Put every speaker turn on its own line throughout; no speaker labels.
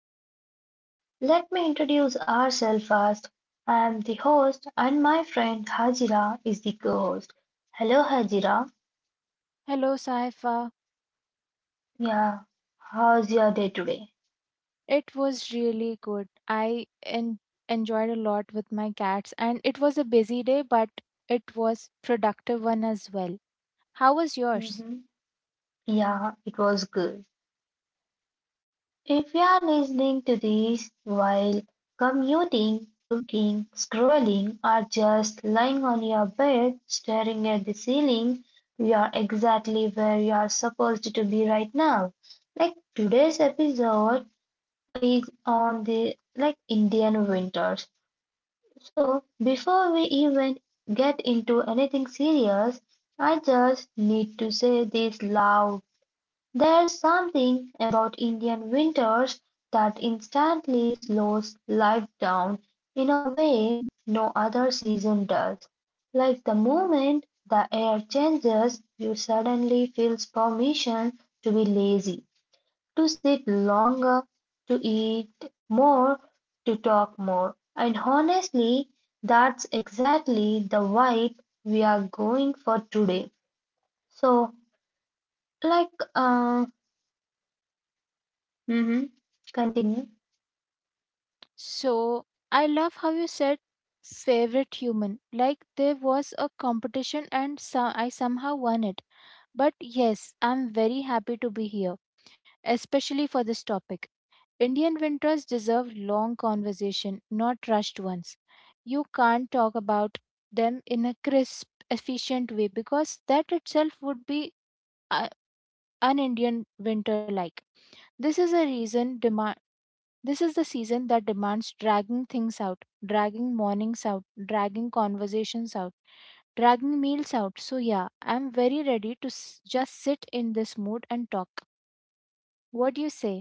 podcast. Let me introduce ourselves first. I am the host, and my friend Hajira is the co host. Hello, Hajira.
Hello, Saifa.
Yeah, how's your day today?
It was really good. I enjoyed a lot with my cats, and it was a busy day, but it was productive one as well. How was yours?
hmm Yeah, it was good. If you are listening to this while commuting, cooking, scrolling, or just lying on your bed staring at the ceiling, you are exactly where you are supposed to be right now. Like, today's episode is on the, like, Indian winters. So before we even get into anything serious, I just need to say this loud, there's something about Indian winters that instantly slows life down in a way no other season does. Like the moment the air changes, you suddenly feel permission to be lazy, to sit longer, to eat more, to talk more. And honestly, that's exactly the vibe we are going for today. So, like, Mm-hmm. Continue.
So I love how you said favorite human. Like there was a competition, and I somehow won it. But yes, I'm very happy to be here, especially for this topic. Indian winters deserve long conversation, not rushed ones. You can't talk about them in a crisp, efficient way because that itself would be uh, un Indian winter like. This is a reason demand. This is the season that demands dragging things out, dragging mornings out, dragging conversations out, dragging meals out. So, yeah, I'm very ready to just sit in this mood and talk. What do you say?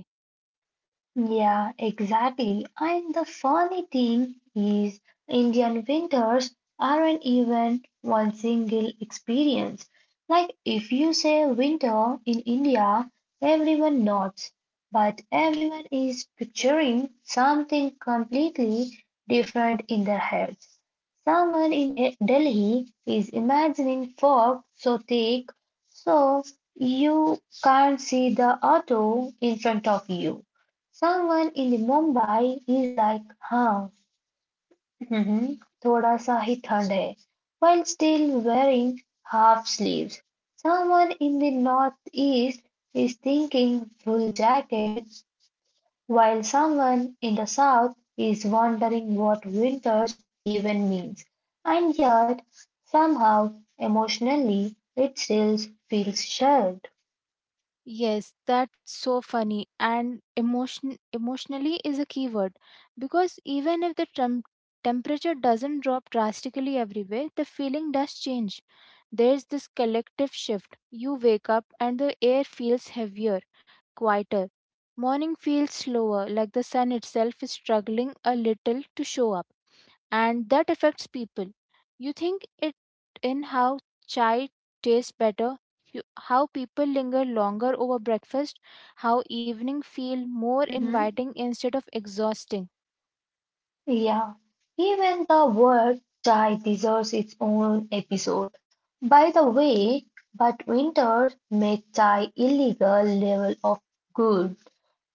Yeah, exactly. And the funny thing is, Indian winters aren't even one single experience. Like, if you say winter in India, everyone nods, but everyone is picturing something completely different in their heads. Delhi is imagining fog so thick so you can't see the auto in front of you. Someone in the Mumbai is like, huh, hmm, thoda sa hi thand hai, while still wearing half sleeves. Someone in the northeast is thinking full jacket, while someone in the south is wondering what winters even means. And yet, somehow, emotionally, it still feels shared.
Yes, that's so funny. And emotionally is a key word because even if the temperature doesn't drop drastically everywhere, the feeling does change. There's this collective shift. You wake up and the air feels heavier, quieter. Morning feels slower, like the sun itself is struggling a little to show up, and that affects people. You think it in how chai tastes better, how people linger longer over breakfast, how evening feel more inviting instead of exhausting.
Yeah, even the word chai deserves its own episode. By the way, but winters make chai illegal level of good.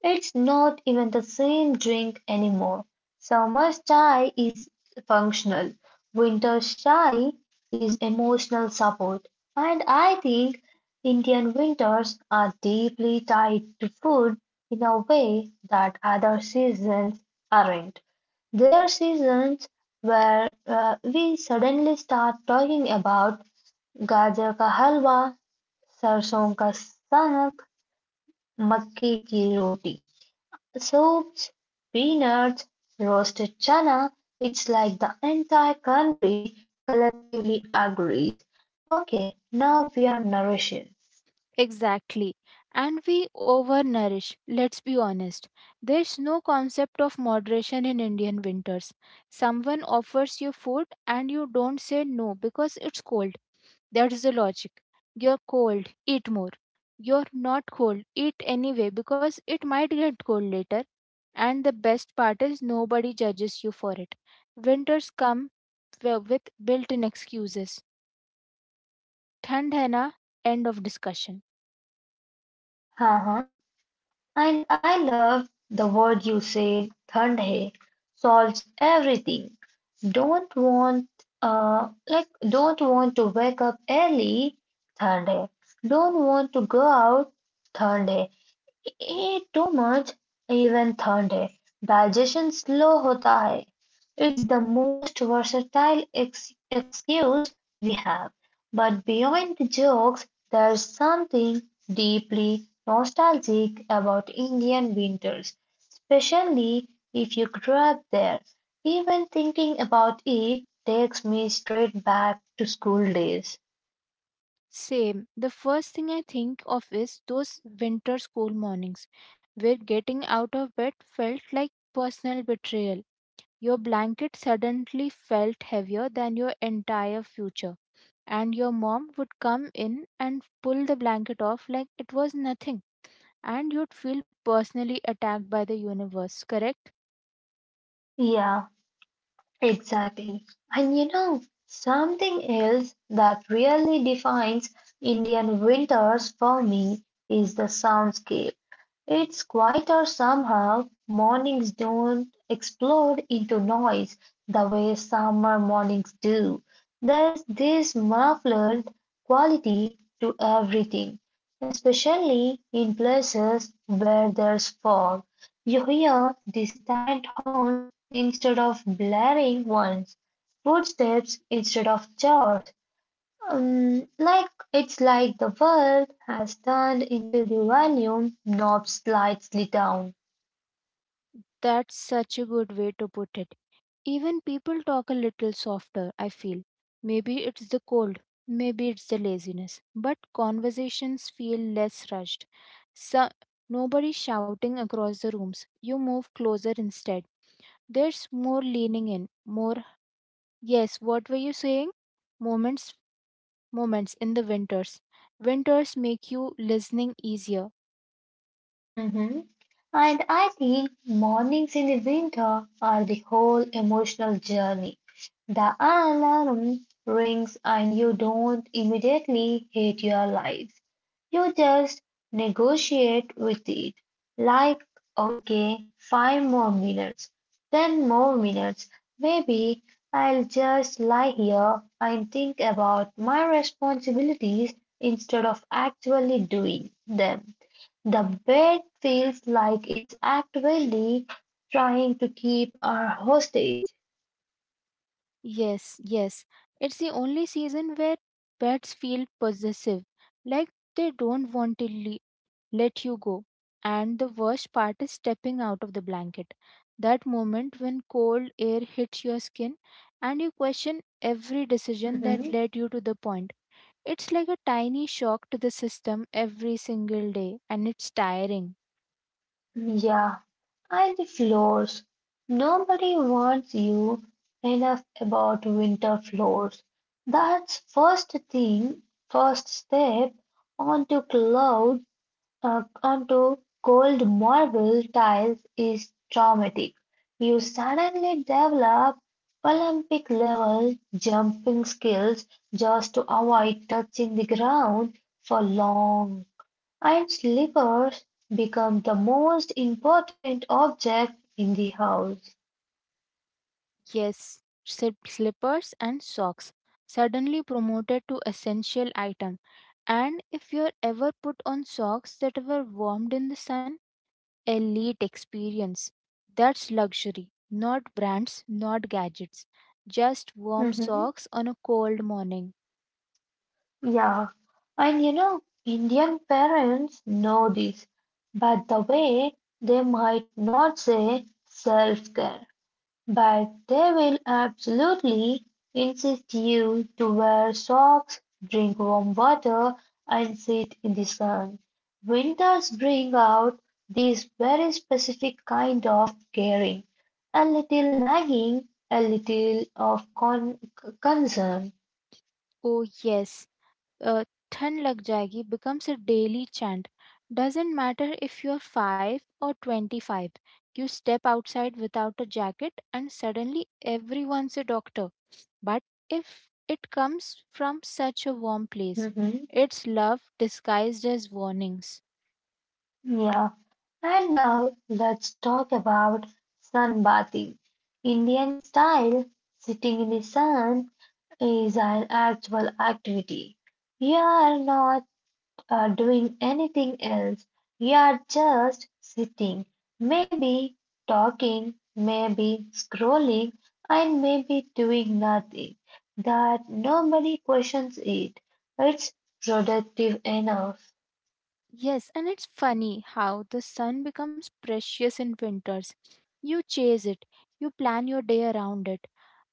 It's not even the same drink anymore. Summer's chai is functional, winter's chai is emotional support. And I think Indian winters are deeply tied to food in a way that other seasons aren't. There are seasons where we suddenly start talking about gajar ka halwa, sarson ka sanak, makki ki roti. Soups, peanuts, roasted chana. It's like the entire country collectively agrees. Okay, now we are nourishing.
Exactly. And we overnourish, let's be honest. There's no concept of moderation in Indian winters. Someone offers you food and you don't say no because it's cold. That is the logic. You're cold, eat more. You're not cold, eat anyway because it might get cold later. And the best part is nobody judges you for it. Winters come with built in excuses. Thand hai na, end of discussion.
Uh-huh. And I love the word you said, thandhe, solves everything. Don't want don't want to wake up early, thandhe. Don't want to go out, thandhe. एटोमर्ज even digestion slow होता है. It's the most versatile excuse we have. But beyond the jokes, there's something deeply nostalgic about Indian winters, especially if you grew up there. Even thinking about it takes me straight back to school days.
Same. The first thing I think of is those winter school mornings where getting out of bed felt like personal betrayal. Your blanket suddenly felt heavier than your entire future, and your mom would come in and pull the blanket off like it was nothing, and you'd feel personally attacked by the universe, correct?
Yeah. Exactly. And you know, something else that really defines Indian winters for me is the soundscape. It's quieter somehow, mornings don't explode into noise the way summer mornings do. There's this muffled quality to everything, especially in places where there's fog. You hear distant horns instead of blaring ones, footsteps instead of chores, like it's like the world has turned into the volume knob slightly down.
That's such a good way to put it. Even people talk a little softer, I feel. Maybe it's the cold, maybe it's the laziness, but conversations feel less rushed. So nobody shouting across the rooms, you move closer instead. There's more leaning in, more yes, what were you saying moments moments in the winters. Winters make you listening easier.
hmm And I think mornings in the winter are the whole emotional journey. The alarm rings and you don't immediately hate your life. You just negotiate with it. Like, okay, five more minutes, ten more minutes. Maybe I'll just lie here and think about my responsibilities instead of actually doing them. The bed feels like it's actively trying to keep our hostage.
Yes, yes. It's the only season where pets feel possessive, like they don't want to let you go. And the worst part is stepping out of the blanket. That moment when cold air hits your skin and you question every decision
Mhm.
that led you to the point. It's like a tiny shock to the system every single day, and it's tiring.
Yeah, and the floors. Nobody warns you enough about winter floors. That's first thing, first step onto cloud onto cold marble tiles is traumatic. You suddenly develop Olympic level jumping skills just to avoid touching the ground for long. And slippers become the most important object in the house.
Yes, slippers and socks suddenly promoted to essential item. And if you're ever put on socks that were warmed in the sun, elite experience. That's luxury, not brands, not gadgets. Just warm
Mhm.
socks on a cold morning.
Yeah. And you know, Indian parents know this, but the way they might not say self care. But they will absolutely insist you to wear socks, drink warm water, and sit in the sun. Winters bring out this very specific kind of caring, a little nagging, a little of concern.
Oh, yes, uh, "Thun lag jayegi" becomes a daily chant. Doesn't matter if you're 5 or 25, you step outside without a jacket and suddenly everyone's a doctor. But if it comes from such a warm place,
Mhm.
it's love disguised as warnings.
Yeah. And now let's talk about sunbathing. Indian style, sitting in the sun is an actual activity. You are not doing anything else. You are just sitting, maybe talking, maybe scrolling, and maybe doing nothing. That nobody questions it. It's productive enough.
Yes, and it's funny how the sun becomes precious in winters. You chase it, you plan your day around it.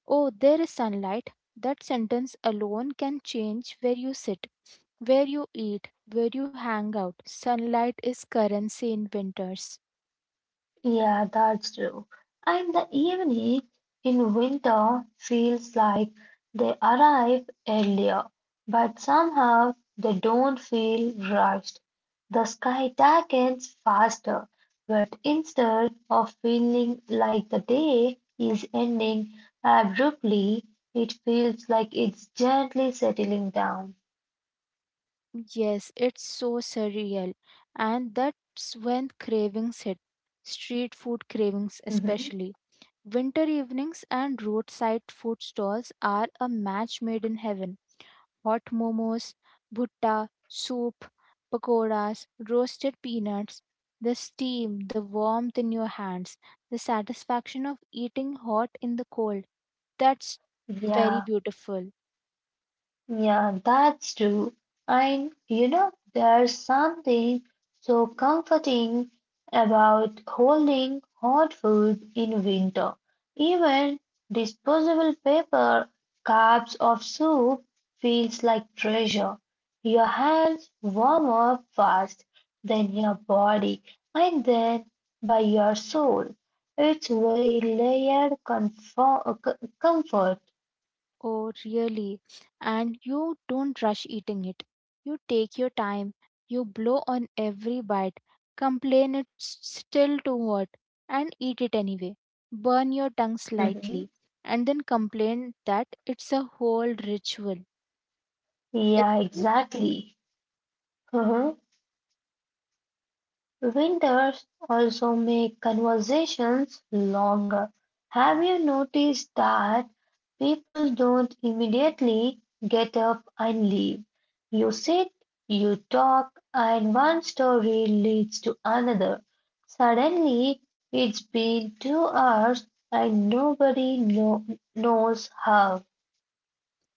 Oh, there is sunlight. That sentence alone can change where you sit, where you eat, where you hang out. Sunlight is currency in winters.
Yeah, that's true. And the evening in winter feels like they arrive earlier, but somehow they don't feel rushed. The sky darkens faster, but instead of feeling like the day is ending abruptly, it feels like it's gently settling down.
Yes, it's so surreal. And that's when cravings hit. Street food cravings,
Mhm.
especially. Winter evenings and roadside food stalls are a match made in heaven. Hot momos, bhutta, soup, pakoras, roasted peanuts, the steam, the warmth in your hands, the satisfaction of eating hot in the cold. That's very
Yeah.
beautiful.
Yeah, that's true. And you know, there's something so comforting about holding hot food in winter. Even disposable paper cups of soup feels like treasure. Your hands warm up fast, then your body, and then by your soul. It's very layered comfort.
Oh, really? And you don't rush eating it. You take your time. You blow on every bite, complain it's still too hot, and eat it anyway. Burn your tongue
Mhm.
slightly, and then complain that it's a whole ritual. Is
Yeah,
it?
exactly. Mhm. Winters also make conversations longer. Have you noticed that people don't immediately get up and leave? You sit, you talk, and one story leads to another. Suddenly, it's been 2 hours and knows how.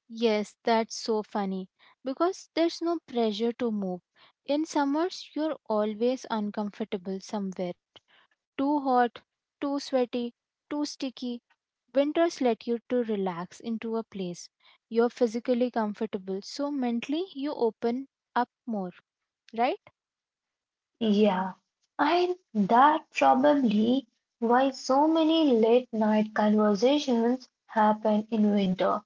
Yes, that's so funny because there's no pressure to move. In summers, you're always uncomfortable somewhere. Too hot, too sweaty, too sticky. Winters let you to relax into a place. You're physically comfortable, so mentally you open up more, right?
Yeah, and that probably why so many late night conversations happen in winter.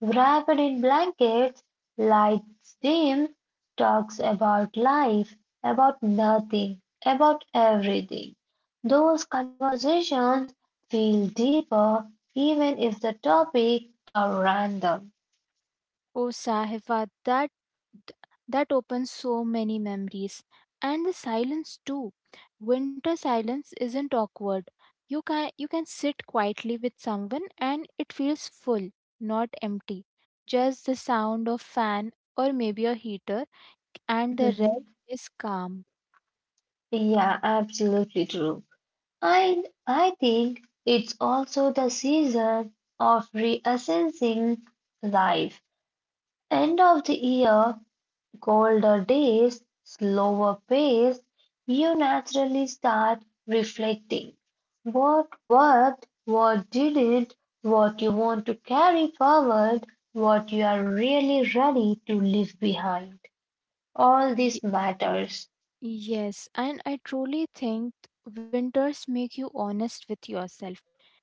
Wrapped in blankets, lights dim, talks about life, about nothing, about everything. Those conversations feel deeper even if the topic are random.
Oh, Sahiba, that opens so many memories, and the silence too. Winter silence isn't awkward. You can sit quietly with someone, and it feels full, not empty. Just the sound of fan or maybe a heater, and the
Mhm.
rest is calm.
Yeah, absolutely true. I think it's also the season of reassessing life. End of the year, colder days, slower pace, you naturally start reflecting. What worked, what didn't, what you want to carry forward, what you are really ready to leave behind. All this matters.
Yes, and I truly think winters make you honest with yourself.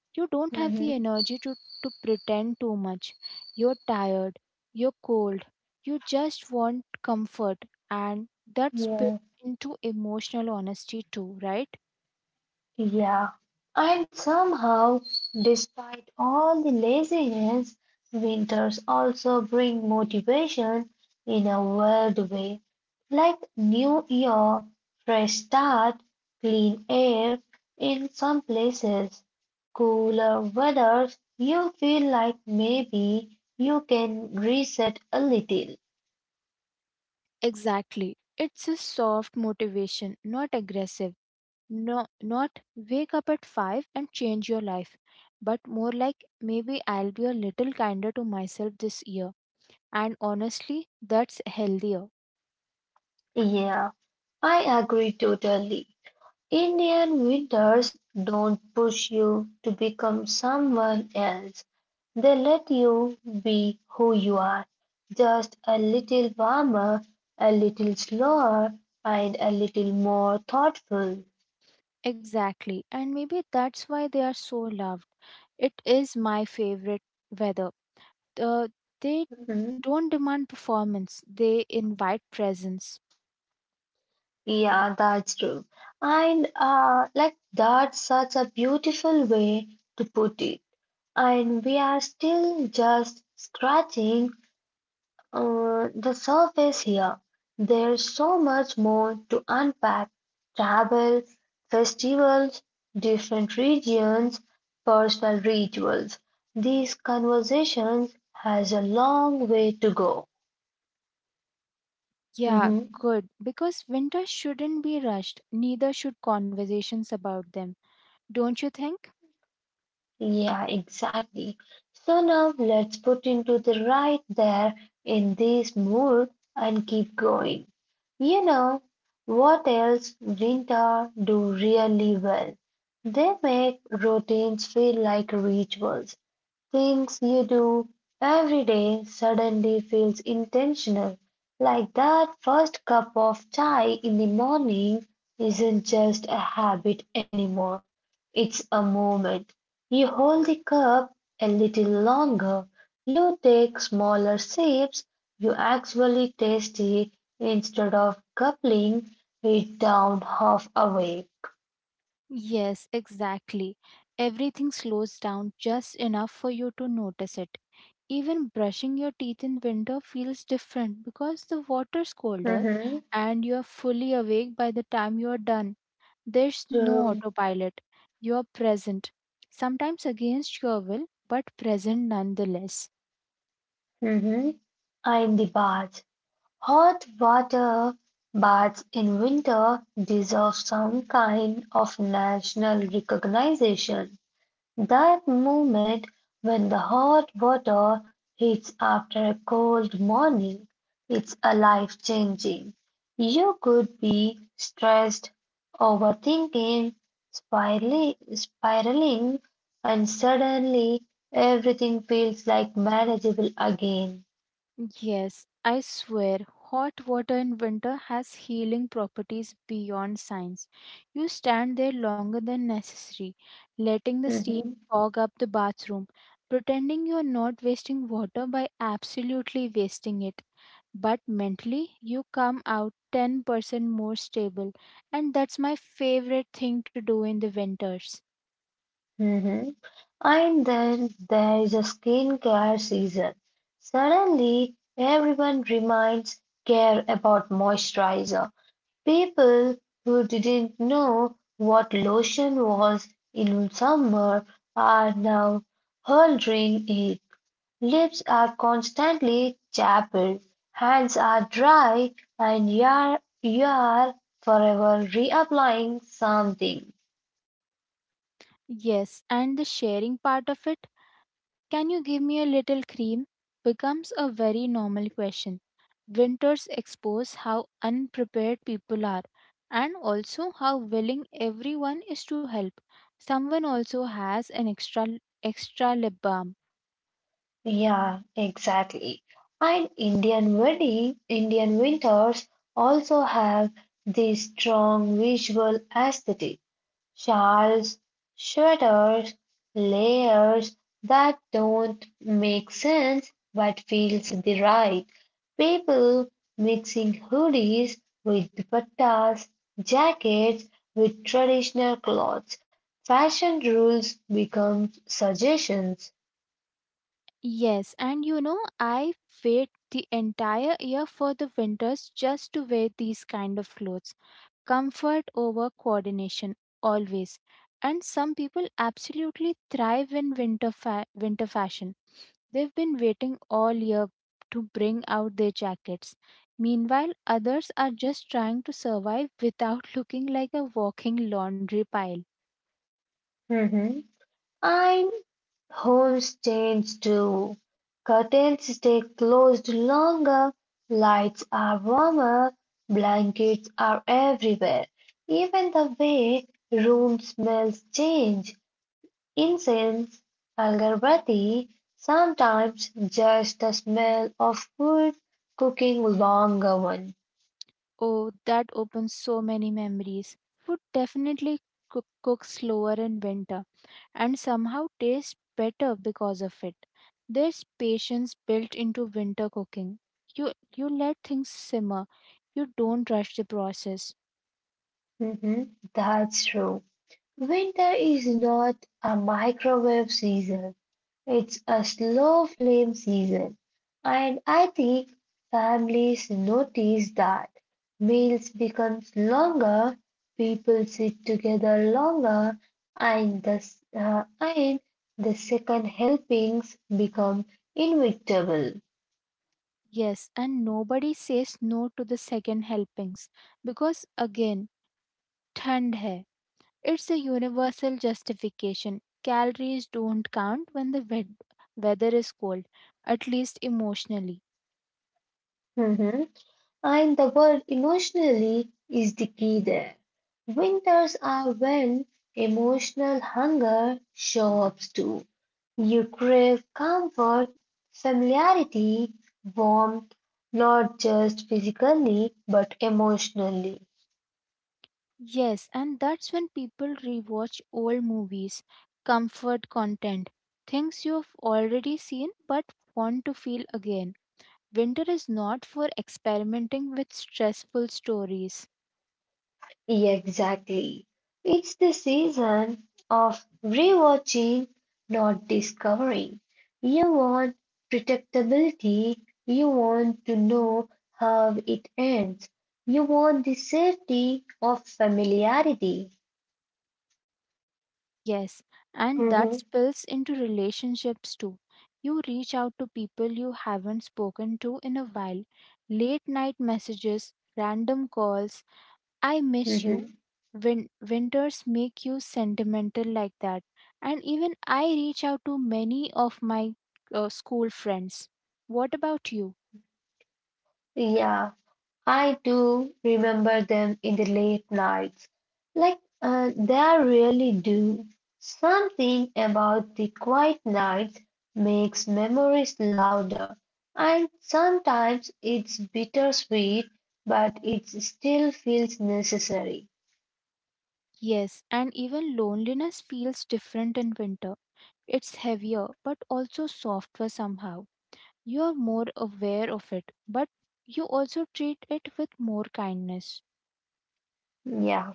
You don't have the
Mhm.
energy to pretend too much. You're tired, you're cold, you just want comfort, and that spills into emotional honesty too, right?
Yeah, and somehow, despite all the laziness, winters also bring motivation in a weird way, like new year, fresh start, clean air. In some places, cooler weathers, you feel like maybe you can reset a little.
Exactly. It's a soft motivation, not aggressive. No, not wake up at 5 and change your life, but more like maybe I'll be a little kinder to myself this year. And honestly, that's healthier.
Yeah, I agree totally. Indian winters don't push you to become someone else. They let you be who you are, just a little warmer, a little slower, and a little more thoughtful.
Exactly. And maybe that's why they are so loved. It is my favorite weather. Uh, they
Mhm.
don't demand performance, they invite presence.
Yeah, that's true. And like that's such a beautiful way to put it. And we are still just scratching the surface here. There's so much more to unpack: travel, festivals, different regions, personal rituals. These conversations has a long way to go.
Yeah,
Mhm.
good. Because winter shouldn't be rushed, neither should conversations about them. Don't you think?
Yeah, exactly. So now let's put into the right there in this mood and keep going. You know what else Grinta do really well? They make routines feel like rituals. Things you do every day suddenly feels intentional, like that first cup of chai in the morning isn't just a habit anymore. It's a moment. You hold the cup a little longer, you take smaller sips, you actually taste it instead of gulping it down half away.
Yes, exactly. Everything slows down just enough for you to notice it. Even brushing your teeth in winter feels different because the water's colder
Mhm.
and you are fully awake by the time you are done. There's no
True.
autopilot. You are present, sometimes against your will, but present nonetheless.
Mhm. I'm the bath. Hot water baths in winter deserve some kind of national recognition. That moment when the hot water hits after a cold morning, it's a life changing. You could be stressed, overthinking, spiraling, and suddenly everything feels like manageable again.
Yes, I swear, hot water in winter has healing properties beyond science. You stand there longer than necessary, letting the steam fog up the bathroom, pretending you're not wasting water by absolutely wasting it. But mentally, you come out 10% more stable, and that's my favorite thing to do in the winters.
Mhm. And then there is a skincare season. Suddenly, everyone reminds care about moisturizer. People who didn't know what lotion was in summer are now holding it. Lips are constantly chappled, hands are dry, and you are forever reapplying something.
Yes, and the sharing part of it. "Can you give me a little cream?" becomes a very normal question. Winters expose how unprepared people are and also how willing everyone is to help. Someone also has an extra lip balm.
Yeah, exactly. And Indian wedding, Indian winters also have this strong visual aesthetic. Shawls, sweaters, layers that don't make sense but feels the right. People mixing hoodies with dupattas, jackets with traditional clothes. Fashion rules become suggestions.
Yes, and you know I wait the entire year for the winters just to wear these kind of clothes. Comfort over coordination always. And some people absolutely thrive in winter fashion. They've been waiting all year to bring out their jackets. Meanwhile, others are just trying to survive without looking like a walking laundry pile.
Mhm. And homes change too. Curtains stay closed longer, lights are warmer, blankets are everywhere. Even the way room smells change. Incense, agarbatti, sometimes just the smell of food cooking long oven.
Oh, that opens so many memories. Food definitely cook slower in winter and somehow tastes better because of it. There's patience built into winter cooking. You let things simmer. You don't rush the process.
Mhm, that's true. Winter is not a microwave season. It's a slow flame season. And I think families notice that. Meals becomes longer, people sit together longer, and the second helpings become inevitable.
Yes, and nobody says no to the second helpings because again, thand hai. It's a universal justification. Calories don't count when the weather is cold, at least emotionally.
And the word emotionally is the key there. Winters are when emotional hunger shows up too. You crave comfort, familiarity, warmth, not just physically but emotionally.
Yes, and that's when people rewatch old movies, comfort content, things you've already seen but want to feel again. Winter is not for experimenting with stressful stories.
Yeah, exactly. It's the season of rewatching, not discovering. You want predictability, you want to know how it ends, you want the safety of familiarity.
Yes, and that
Mhm,
spills into relationships too. You reach out to people you haven't spoken to in a while. Late night messages, random calls, I miss
mhm.
you. Winters make you sentimental like that. And even I reach out to many of my school friends. What about you?
Yeah, I do remember them in the late nights. Like, they really do. Something about the quiet nights makes memories louder, and sometimes it's bittersweet, but it still feels necessary.
Yes, and even loneliness feels different in winter. It's heavier, but also softer somehow. You are more aware of it, but you also treat it with more kindness.
Yeah,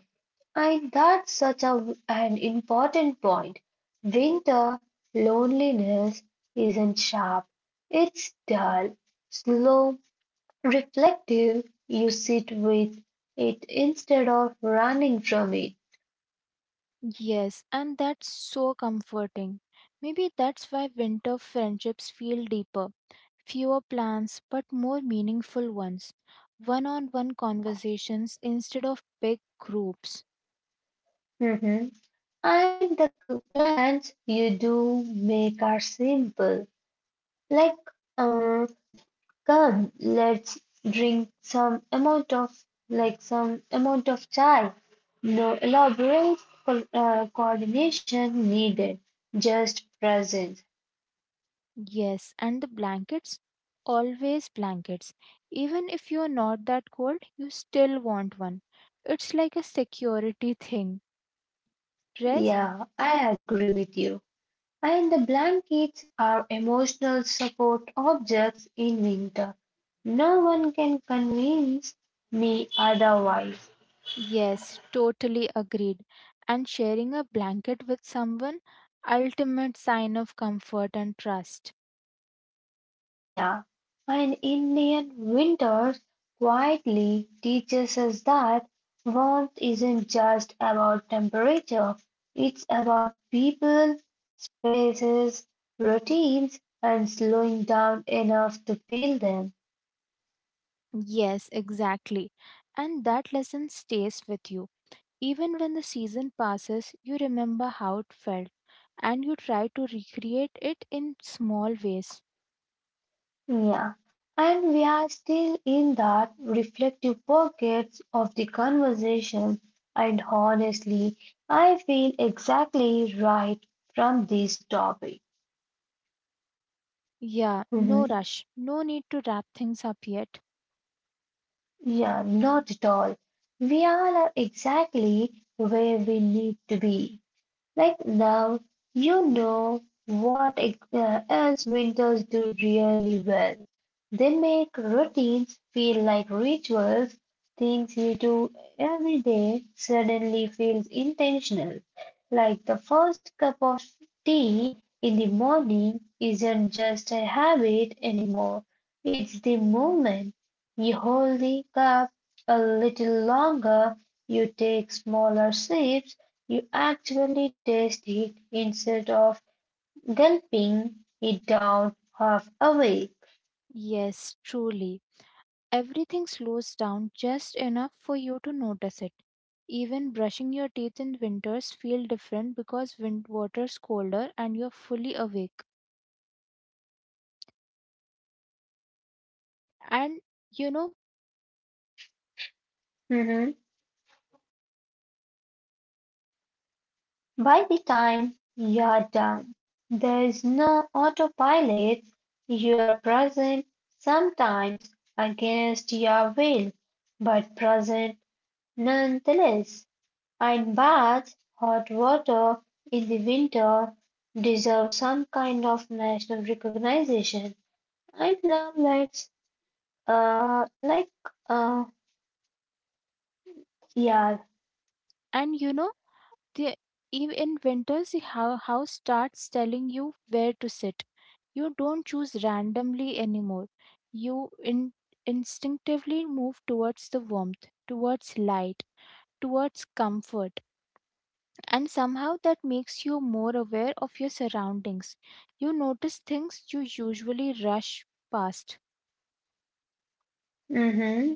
and that's such a, an important point. Winter loneliness isn't sharp, it's dull, slow, reflective, you sit with it instead of running from it.
Yes, and that's so comforting. Maybe that's why winter friendships feel deeper. Fewer plans, but more meaningful ones. One on one conversations instead of big groups.
Mhm. And the plans you do make are simple, like, uh, come, let's drink some amount of, like some amount of chai. No elaborate coordination needed, just presence.
Yes, and the blankets? Always blankets. Even if you're not that cold, you still want one. It's like a security thing. Rest.
Yeah, I agree with you. And the blankets are emotional support objects in winter. No one can convince me otherwise.
Yes, totally agreed. And sharing a blanket with someone, ultimate sign of comfort and trust.
Yeah. And Indian winters quietly teaches us that warmth isn't just about temperature, it's about people, spaces, routines, and slowing down enough to feel them.
Yes, exactly. And that lesson stays with you. Even when the season passes, you remember how it felt and you try to recreate it in small ways.
Yeah, and we are still in that reflective pockets of the conversation, and honestly, I feel exactly right from this topic.
Yeah, no
Mhm.
rush, no need to wrap things up yet.
Yeah, not at all. We all are exactly where we need to be. Like now, you know what else winters do really well. They make routines feel like rituals, things you do every day suddenly feels intentional. Like the first cup of tea in the morning isn't just a habit anymore. It's the moment. You hold the cup a little longer, you take smaller sips, you actually taste it instead of gulping it down half awake.
Yes, truly. Everything slows down just enough for you to notice it. Even brushing your teeth in winters feel different because wind water's colder and you're fully awake. And you know,
Mhm. By the time you are done, there is no autopilot. You are present, sometimes against your will, but present nonetheless. And baths, hot water in the winter deserve some kind of national recognition. And love lights Uh, like, uh, yeah.
and you know, the in winters the house starts telling you where to sit. You don't choose randomly anymore. You instinctively move towards the warmth, towards light, towards comfort. And somehow that makes you more aware of your surroundings. You notice things you usually rush past.
Mm-hmm.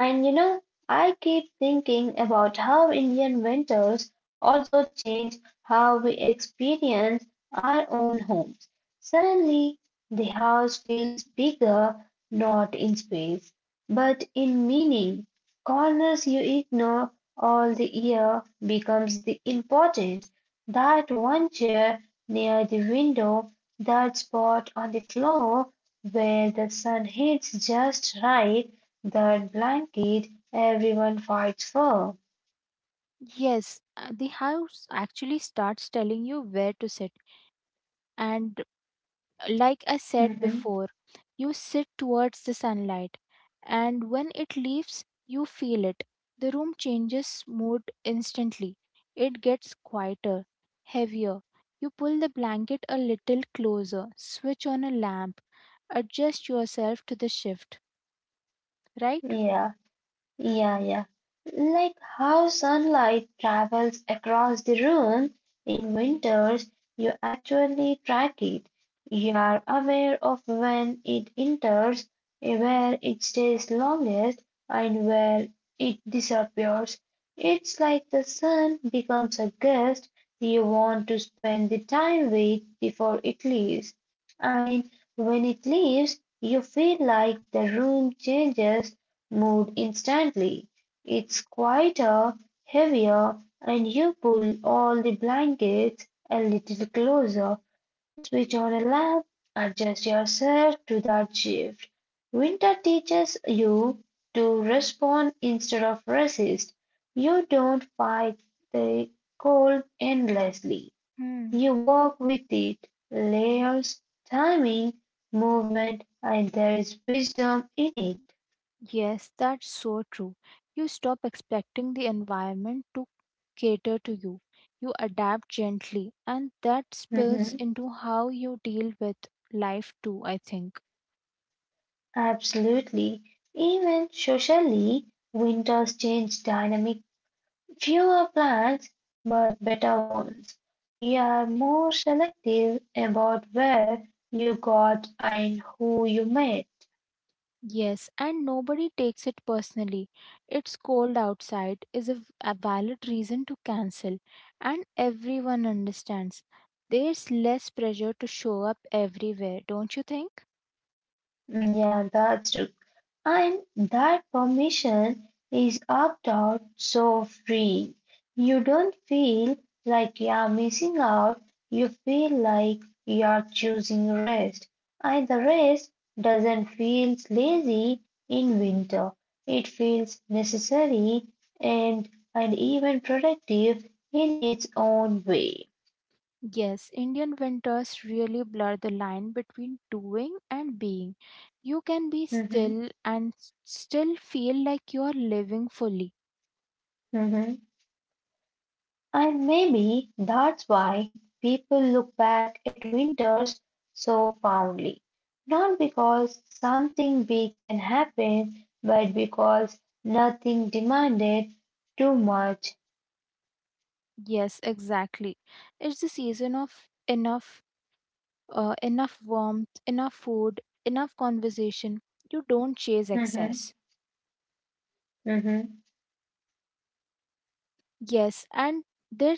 And you know, I keep thinking about how Indian winters also change how we experience our own homes. Suddenly, the house feels bigger, not in space, but in meaning. Corners you ignore all the year becomes the important. That one chair near the window, that spot on the floor where the sun hits just right, that blanket everyone fights for.
Yes, the house actually starts telling you where to sit. And like I said
Hmm.
before, you sit towards the sunlight, and when it leaves, you feel it. The room changes mood instantly. It gets quieter, heavier. You pull the blanket a little closer, switch on a lamp, adjust yourself to the shift, right?
Yeah. Yeah, yeah. Like how sunlight travels across the room in winters, you actually track it. You are aware of when it enters, where it stays longest, and where it disappears. It's like the sun becomes a guest you want to spend the time with before it leaves. And when it leaves, you feel like the room changes move instantly. It's quieter, heavier, and you pull all the blankets a little closer, switch on a lamp, adjust yourself to that shift. Winter teaches you to respond instead of resist. You don't fight the cold endlessly.
Hmm.
You walk with it, layers, timing, movement, and there is wisdom in it.
Yes, that's so true. You stop expecting the environment to cater to you. You adapt gently, and that spills
Mm-hmm.
into how you deal with life too, I think.
Absolutely. Even socially, winters change dynamic. Fewer plants, but better ones. We are more selective about where you got and who you met.
Yes, and nobody takes it personally. It's cold outside is a valid reason to cancel, and everyone understands. There's less pressure to show up everywhere, don't you think?
Yeah, that's true. And that permission is opt out so free. You don't feel like you're missing out, you feel like you're choosing rest. And the rest doesn't feel lazy in winter, it feels necessary and even productive in its own way.
Yes, Indian winters really blur the line between doing and being. You can be
Mhm,
still and still feel like you are living fully.
mhm. And maybe that's why people look back at winters so fondly. Not because something big can happen, but because nothing demanded too much.
Yes, exactly. It's the season of enough, enough warmth, enough food, enough conversation. You don't chase
Mm-hmm,
excess.
mm-hmm,
Yes, and there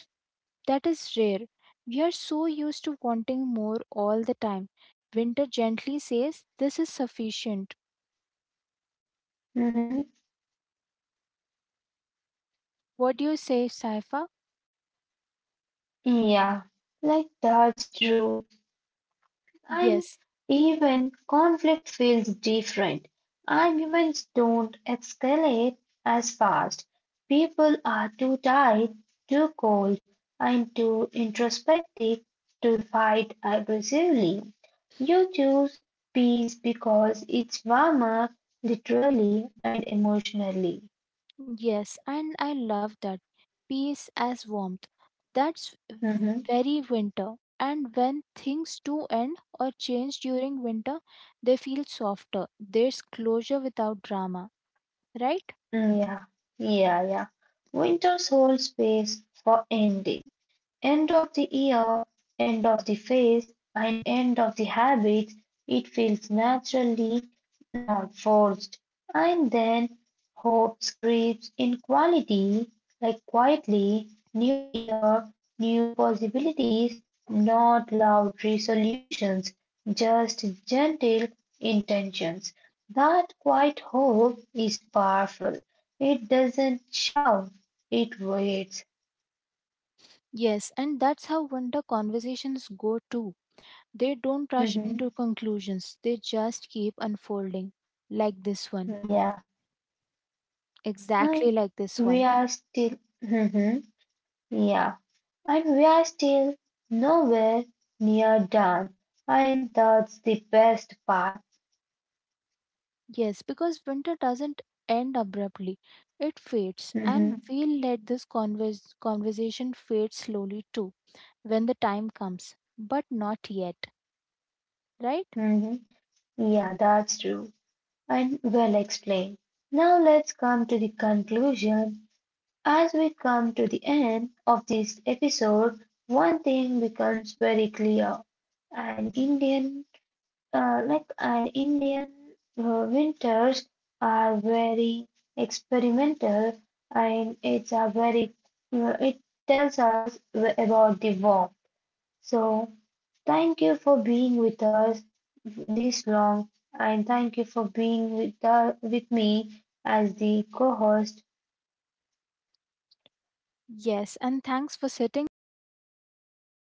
that is rare. We are so used to wanting more all the time. Winter gently says, "This is sufficient."
mm-hmm.
What do you say, Saifa?
Yeah, like that's true. And
Yes,
even conflict feels different. Arguments don't escalate as fast. People are too tired, too cold, and too introspective to fight aggressively. You choose peace because it's warmer, literally and emotionally.
yes, and I love that. Peace as warmth. That's
Mhm.
very winter. And when things do end or change during winter, they feel softer. There's closure without drama, right?
Yeah, yeah, yeah. Winters hold space for ending. End of the ear, end of the face, and end of the habits, it feels naturally, not forced. And then hope creeps in quality, like quietly, new year, new possibilities, not loud resolutions, just gentle intentions. That quiet hope is powerful. It doesn't shout, it waits.
Yes, and that's how winter conversations go too. They don't rush
Mhm.
into conclusions, they just keep unfolding. Like this one,
Yeah.
exactly
I
like this
we
one.
are still, Mhm, yeah, and we are still nowhere near done. And that's the best part.
Yes, because winter doesn't end abruptly. It fades, and
Mhm.
we'll let this conversation fade slowly too when the time comes, but not yet, right?
Mhm. Yeah, that's true. And well explained. Now let's come to the conclusion. As we come to the end of this episode, one thing becomes very clear. An Indian like an Indian winters are very experimental and it's a very it tells us about the war. So thank you for being with us this long and thank you for being with me as the co-host
Yes, and thanks for sitting with us